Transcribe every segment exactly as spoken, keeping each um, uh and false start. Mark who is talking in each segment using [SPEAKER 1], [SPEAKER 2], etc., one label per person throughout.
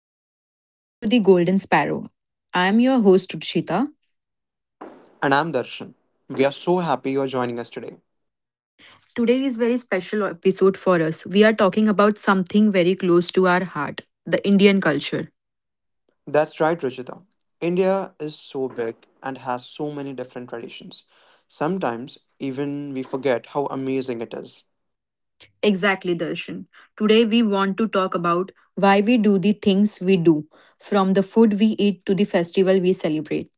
[SPEAKER 1] everyone. Welcome to the Golden Sparrow. I am your host, Ruchita.
[SPEAKER 2] And I'm Darshan. We are so happy you're joining us today.
[SPEAKER 1] Today is very special episode for us. We are talking about something very close to our heart, the Indian culture.
[SPEAKER 2] That's right, Ruchita. India is so big and has so many different traditions. Sometimes even we forget how amazing it is.
[SPEAKER 1] Exactly, Darshan. Today we want to talk about why we do the things we do, from the food we eat to the festival we celebrate.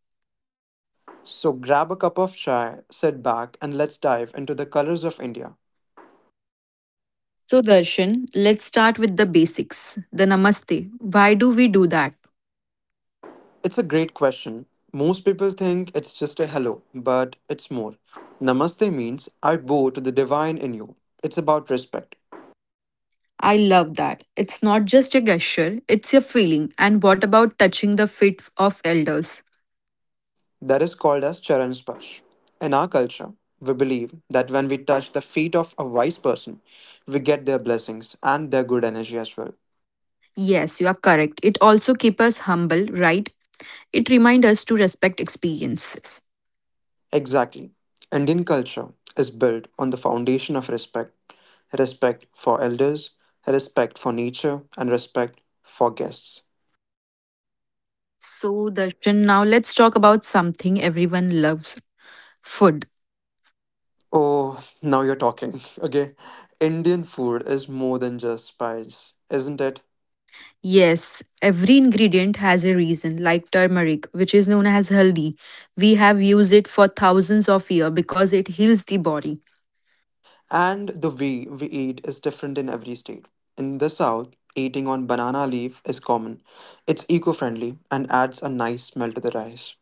[SPEAKER 2] So grab a cup of chai, sit back, and let's dive into the colors of India.
[SPEAKER 1] So, Darshan, let's start with the basics. The namaste. Why do we do that?
[SPEAKER 2] It's a great question. Most people think it's just a hello, but it's more. Namaste means I bow to the divine in you. It's about respect.
[SPEAKER 1] I love that. It's not just a gesture, it's a feeling. And what about touching the feet of elders?
[SPEAKER 2] That is called as Charan Sparsh. In our culture, we believe that when we touch the feet of a wise person, we get their blessings and their good energy as well.
[SPEAKER 1] Yes, you are correct. It also keeps us humble, right? It reminds us to respect experiences.
[SPEAKER 2] Exactly. Indian culture is built on the foundation of respect, respect for elders, respect for nature, and respect for guests.
[SPEAKER 1] So, Darshan, now let's talk about something everyone loves food.
[SPEAKER 2] Oh, now you're talking. Okay. Indian food is more than just spice, isn't it?
[SPEAKER 1] Yes, every ingredient has a reason, like turmeric, which is known as haldi. We have used it for thousands of years because it heals the body.
[SPEAKER 2] And the way we eat is different in every state. In the south, eating on banana leaf is common. It's eco friendly and adds a nice smell to the rice.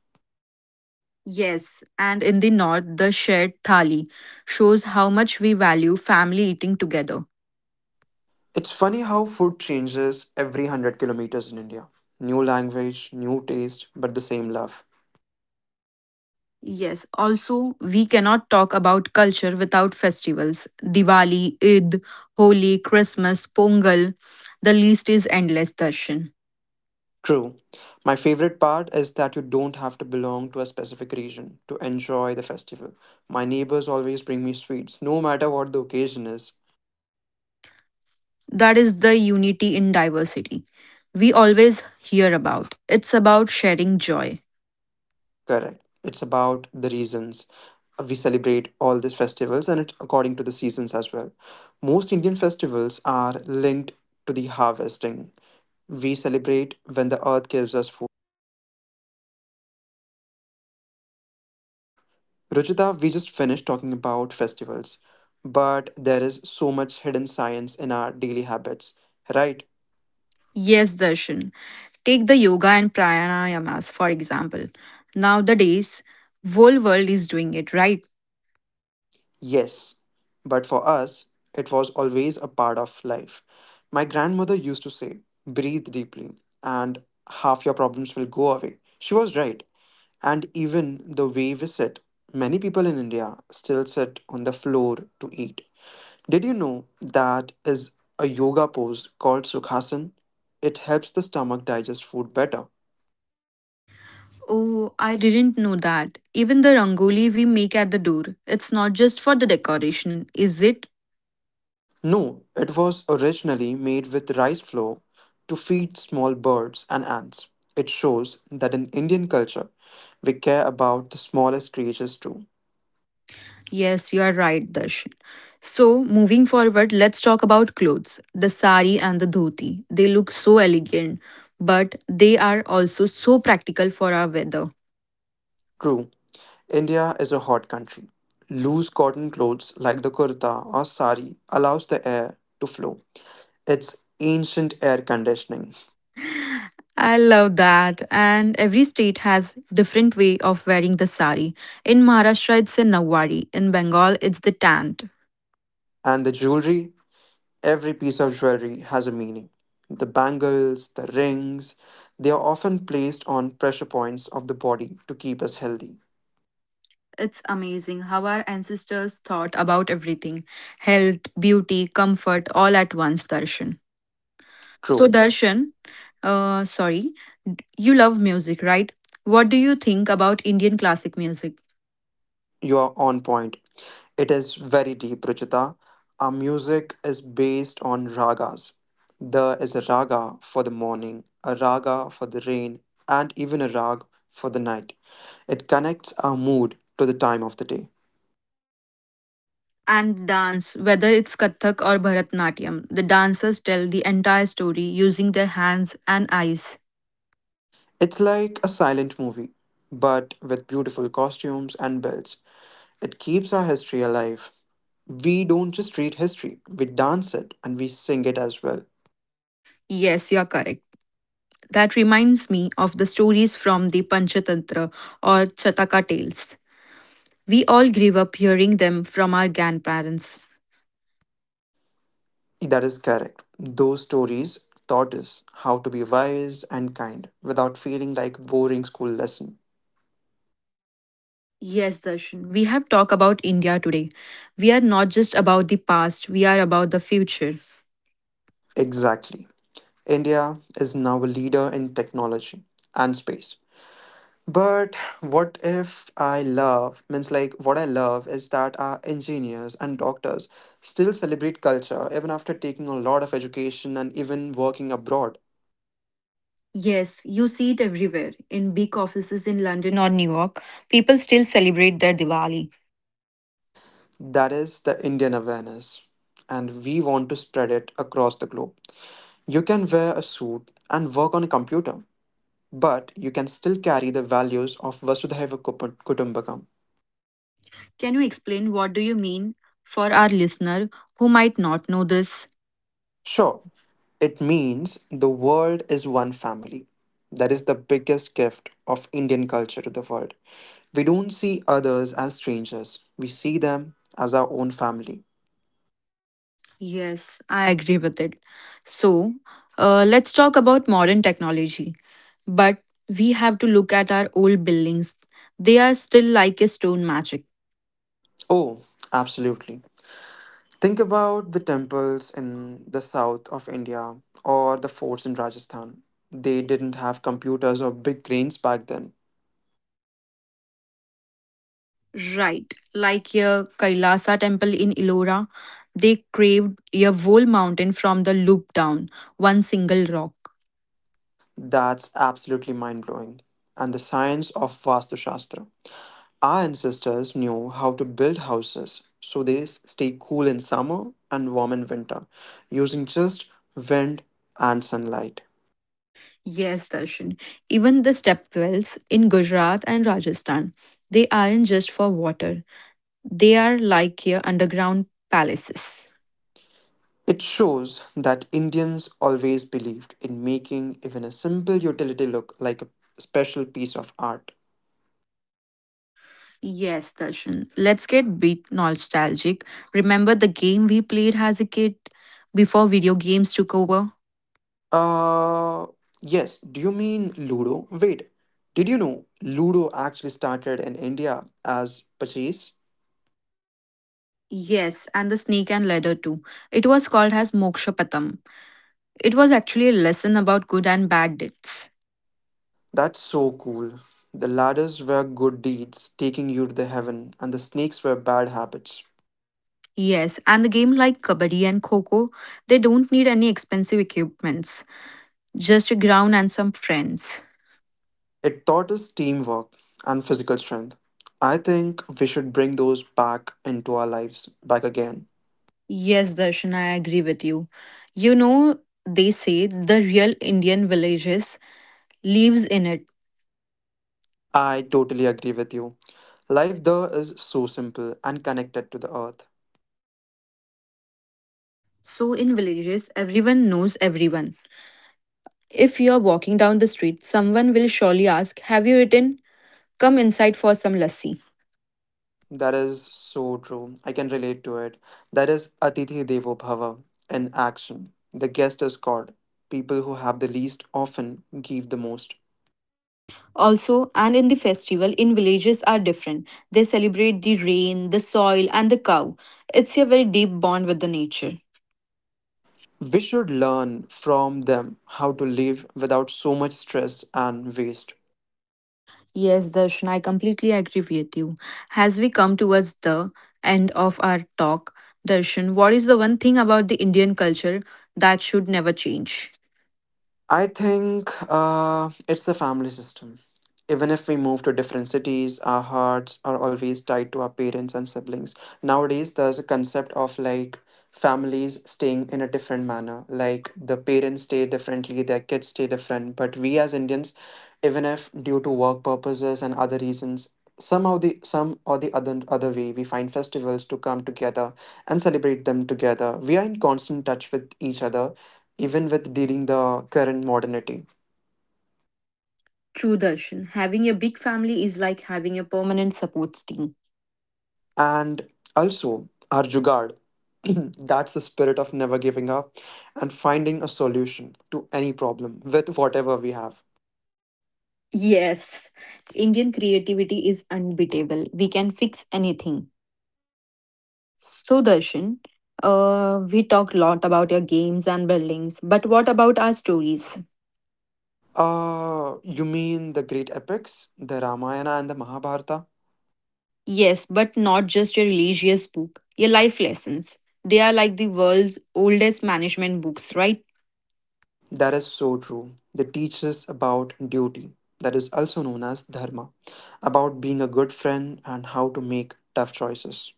[SPEAKER 1] Yes, and in the north, the shared thali shows how much we value family eating together.
[SPEAKER 2] It's funny how food changes every one hundred kilometers in India. New language, new taste, but the same love.
[SPEAKER 1] Yes, also, we cannot talk about culture without festivals. Diwali, Eid, Holi, Christmas, Pongal. The list is endless, Darshan.
[SPEAKER 2] True. My favorite part is that you don't have to belong to a specific region to enjoy the festival. My neighbors always bring me sweets, no matter what the occasion is.
[SPEAKER 1] That is the unity in diversity we always hear about. It's about sharing joy.
[SPEAKER 2] Correct. It's about the reasons Uh, we celebrate all these festivals, and it's according to the seasons as well. Most Indian festivals are linked to the harvesting. We celebrate when the earth gives us food. Ruchita, we just finished talking about festivals, but there is so much hidden science in our daily habits, right?
[SPEAKER 1] Yes, Darshan. Take the yoga and pranayamas, for example. Nowadays, whole world is doing it, right?
[SPEAKER 2] Yes, but for us, it was always a part of life. My grandmother used to say, breathe deeply, and half your problems will go away. She was right. And even the way we sit, many people in India still sit on the floor to eat. Did you know that is a yoga pose called Sukhasan? It helps the stomach digest food better.
[SPEAKER 1] Oh, I didn't know that. Even the rangoli we make at the door, it's not just for the decoration, is it?
[SPEAKER 2] No, it was originally made with rice flour to feed small birds and ants. It shows that in Indian culture, we care about the smallest creatures too.
[SPEAKER 1] Yes, you are right, Darshan. So, moving forward, let's talk about clothes. The sari and the dhoti. They look so elegant, but they are also so practical for our weather.
[SPEAKER 2] True, India is a hot country. Loose cotton clothes like the kurta or sari allows the air to flow. It's ancient air conditioning.
[SPEAKER 1] I love that. And every state has different way of wearing the sari. In Maharashtra, it's a nawari. In Bengal, it's the tant.
[SPEAKER 2] And the jewelry, every piece of jewelry has a meaning. The bangles, the rings, they are often placed on pressure points of the body to keep us healthy.
[SPEAKER 1] It's amazing how our ancestors thought about everything health, beauty, comfort, all at once, Darshan. So,
[SPEAKER 2] True,
[SPEAKER 1] Darshan, uh, sorry, you love music, right? What do you think about Indian classic music
[SPEAKER 2] you are on point. It is very deep, Ruchita. Our music is based on ragas. There is a raga for the morning, a raga for the rain, and even a rag for the night. It connects our mood to the time of the day.
[SPEAKER 1] and dance, whether it's Kathak or Bharatnatyam? The dancers tell the entire story using their hands and eyes.
[SPEAKER 2] It's like a silent movie, but with beautiful costumes and builds. It keeps our history alive. We don't just read history, we dance it and we sing it as well.
[SPEAKER 1] Yes, you are correct. That reminds me of the stories from the Panchatantra or Chataka tales. We all grew up hearing them from our grandparents.
[SPEAKER 2] That is correct. Those stories taught us how to be wise and kind without feeling like boring school lesson.
[SPEAKER 1] Yes, Darshan. We have talked about India today. We are not just about the past, we are about the future.
[SPEAKER 2] Exactly. India is now a leader in technology and space. But what if I love means, like, what I love is that our engineers and doctors still celebrate culture even after taking a lot of education and even working abroad.
[SPEAKER 1] Yes, you see it everywhere. In big offices in London or New York, people still celebrate their Diwali.
[SPEAKER 2] That is the Indian awareness, and we want to spread it across the globe. You can wear a suit and work on a computer, but you can still carry the values of Vasudhaiva Kupu- Kutumbakam.
[SPEAKER 1] Can you explain what do you mean for our listener who might not know this?
[SPEAKER 2] Sure, it means the world is one family. That is the biggest gift of Indian culture to the world. We don't see others as strangers, we see them as our own family.
[SPEAKER 1] Yes, I agree with it. So, uh, let's talk about modern technology. But we have to look at our old buildings. They are still like a stone magic.
[SPEAKER 2] Oh, absolutely. Think about the temples in the south of India or the forts in Rajasthan. They didn't have computers or big cranes back then.
[SPEAKER 1] Right, like your Kailasa temple in Elora. They carved your whole mountain from the loop down, one single rock.
[SPEAKER 2] That's absolutely mind blowing. And the science of Vastu Shastra. Our ancestors knew how to build houses so they s- stay cool in summer and warm in winter using just wind and sunlight.
[SPEAKER 1] Yes, Darshan. Even the stepwells in Gujarat and Rajasthan, they aren't just for water. They are like your underground palaces.
[SPEAKER 2] It shows that Indians always believed in making even a simple utility look like a special piece of art.
[SPEAKER 1] Yes, Darshan. Let's get bit nostalgic. Remember the game we played as a kid before video games took over?
[SPEAKER 2] Uh, yes, do you mean Ludo? Wait, did you know Ludo actually started in India as Pachis?
[SPEAKER 1] Yes, and the snake and ladder too. It was called as Moksha Patam. It was actually a lesson about good and bad deeds.
[SPEAKER 2] That's so cool. The ladders were good deeds taking you to the heaven, and the snakes were bad habits.
[SPEAKER 1] Yes, and the game like Kabaddi and Coco, they don't need any expensive equipments, just a ground and some friends.
[SPEAKER 2] It taught us teamwork and physical strength. I think we should bring those back into our lives back again.
[SPEAKER 1] Yes, Darshan, I agree with you. You know, they say the real Indian villages lives in it.
[SPEAKER 2] I totally agree with you. Life there is so simple and connected to the earth.
[SPEAKER 1] So in villages, everyone knows everyone. If you're walking down the street, someone will surely ask, "Have you eaten? Come inside for some lassi."
[SPEAKER 2] That is so true. I can relate to it. That is Atithi Devo Bhava in action. The guest is God. People who have the least often give the most.
[SPEAKER 1] Also, and in the festival, in villages are different. They celebrate the rain, the soil, and the cow. It's a very deep bond with the nature.
[SPEAKER 2] We should learn from them how to live without so much stress and waste.
[SPEAKER 1] Yes, Darshan, I completely agree with you. As we come towards the end of our talk, Darshan, what is the one thing about the Indian culture that should never change?
[SPEAKER 2] I think uh, it's the family system. Even if we move to different cities, our hearts are always tied to our parents and siblings. Nowadays, there's a concept of like families staying in a different manner. Like the parents stay differently, their kids stay different. But we as Indians, even if due to work purposes and other reasons, somehow the some or the other other way we find festivals to come together and celebrate them together. We are in constant touch with each other even with dealing the current modernity.
[SPEAKER 1] True, Darshan. Having a big family is like having a permanent support team.
[SPEAKER 2] And also our jugad. That's the spirit of never giving up and finding a solution to any problem with whatever we have.
[SPEAKER 1] Yes, Indian creativity is unbeatable. We can fix anything. So, Darshan, uh, we talk a lot about your games and buildings, but what about our stories?
[SPEAKER 2] Uh, you mean the great epics, the Ramayana and the Mahabharata?
[SPEAKER 1] Yes, but not just your religious book, your life lessons. They are like the world's oldest management books, right?
[SPEAKER 2] That is so true. They teach us about duty, that is also known as dharma, about being a good friend and how to make tough choices.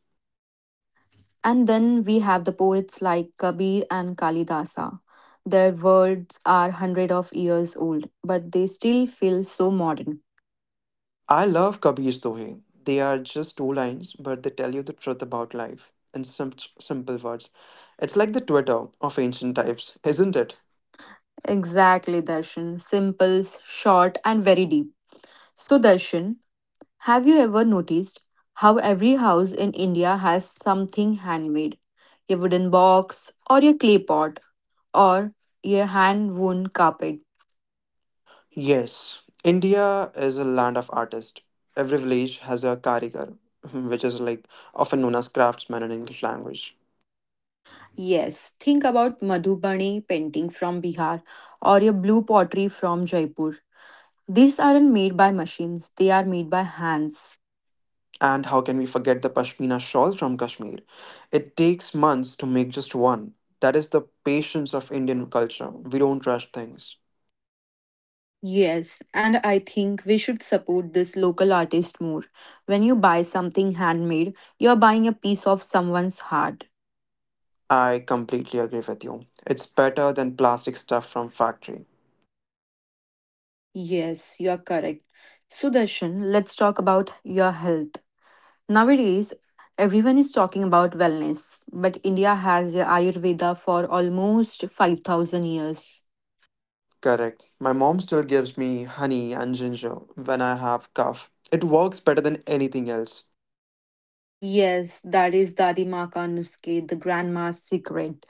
[SPEAKER 1] And then we have the poets like Kabir and Kalidasa. Their words are hundred of years old, but they still feel so modern.
[SPEAKER 2] I love Kabir's Dohe. They are just two lines, but they tell you the truth about life in some simple words. It's like the Twitter of ancient types, isn't it?
[SPEAKER 1] Exactly, Darshan. Simple, short, and very deep. So, Darshan, have you ever noticed how every house in India has something handmade? Your wooden box, or your clay pot, or your hand woven carpet.
[SPEAKER 2] Yes, India is a land of artists. Every village has a karigar, which is like often known as craftsman in English language.
[SPEAKER 1] Yes, think about Madhubani painting from Bihar or your blue pottery from Jaipur. These aren't made by machines, they are made by hands.
[SPEAKER 2] And how can we forget the pashmina shawl from Kashmir? It takes months to make just one. That is the patience of Indian culture. We don't rush things.
[SPEAKER 1] Yes, and I think we should support this local artist more. When you buy something handmade, you're buying a piece of someone's heart.
[SPEAKER 2] I completely agree with you. It's better than plastic stuff from factory.
[SPEAKER 1] Yes, you're correct. Sudarshan, let's talk about your health. Nowadays, everyone is talking about wellness, but India has Ayurveda for almost five thousand years.
[SPEAKER 2] Correct. My mom still gives me honey and ginger when I have cough. It works better than anything else.
[SPEAKER 1] Yes, that is Dadi Maa Ka Nuske, the grandma's secret.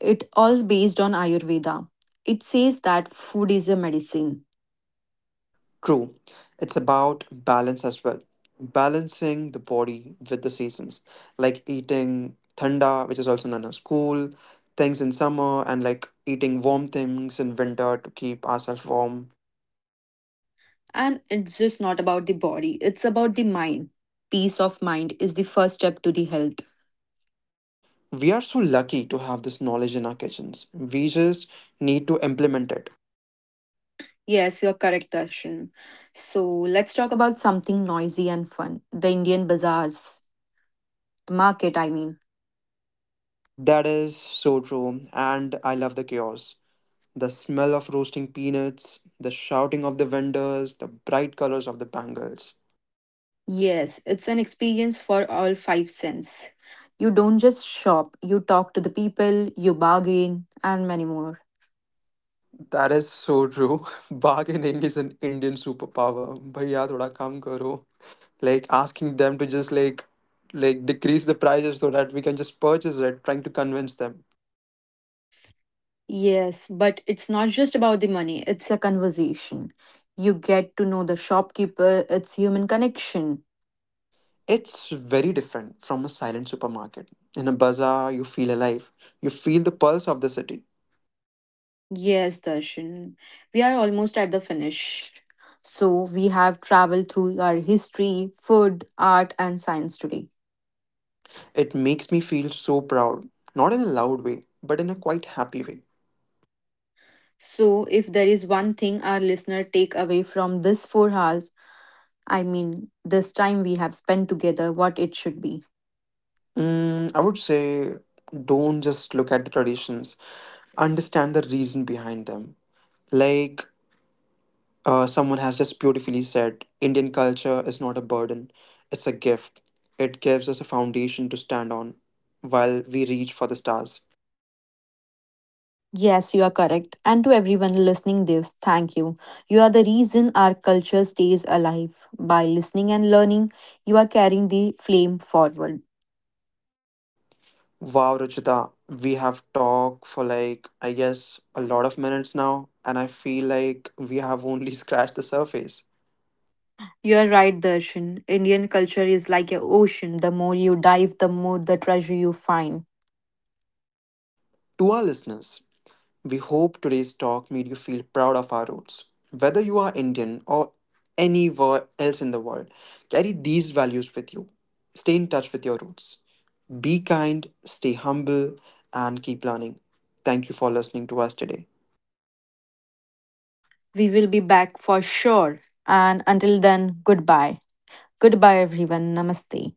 [SPEAKER 1] It all based on Ayurveda. It says that food is a medicine.
[SPEAKER 2] True. It's about balance as well. Balancing the body with the seasons. Like eating thanda, which is also known as cool, things in summer and like eating warm things in winter to keep ourselves warm.
[SPEAKER 1] And it's just not about the body, it's about the mind. Peace of mind is the first step to the health.
[SPEAKER 2] We are so lucky to have this knowledge in our kitchens. We just need to implement it.
[SPEAKER 1] Yes, you're correct, Darshan. So let's talk about something noisy and fun the Indian bazaars, the market, I mean.
[SPEAKER 2] That is so true, and I love the chaos. The smell of roasting peanuts, the shouting of the vendors, the bright colors of the bangles.
[SPEAKER 1] Yes, it's an experience for all five sense. You don't just shop, you talk to the people, you bargain, and many more.
[SPEAKER 2] That is so true. Bargaining is an Indian superpower. भैया थोड़ा कम करो. Like asking them to just like like decrease the prices so that we can just purchase it, trying to convince them.
[SPEAKER 1] Yes, but it's not just about the money, it's a conversation. You get to know the shopkeeper, it's human connection.
[SPEAKER 2] It's very different from a silent supermarket. In a bazaar, you feel alive. You feel the pulse of the city.
[SPEAKER 1] Yes, Darshan. We are almost at the finish. So, we have traveled through our history, food, art, and science today.
[SPEAKER 2] It makes me feel so proud, not in a loud way, but in a quite happy way.
[SPEAKER 1] So, if there is one thing our listener take away from this four hours, I mean, this time we have spent together, what it should be.
[SPEAKER 2] Mm, I would say don't just look at the traditions, understand the reason behind them. Like uh, someone has just beautifully said, Indian culture is not a burden, it's a gift. It gives us a foundation to stand on while we reach for the stars.
[SPEAKER 1] Yes, you are correct. And to everyone listening this, thank you. You are the reason our culture stays alive. By listening and learning, you are carrying the flame forward.
[SPEAKER 2] Wow, Ruchita, we have talked for, like, I guess, a lot of minutes now, and I feel like we have only scratched the surface.
[SPEAKER 1] You are right, Darshan. Indian culture is like an ocean. The more you dive, the more the treasure you find.
[SPEAKER 2] To our listeners, we hope today's talk made you feel proud of our roots. Whether you are Indian or anywhere else in the world, carry these values with you. Stay in touch with your roots. Be kind, stay humble, and keep learning. Thank you for listening to us today.
[SPEAKER 1] We will be back for sure. And until then, goodbye. Goodbye, everyone. Namaste.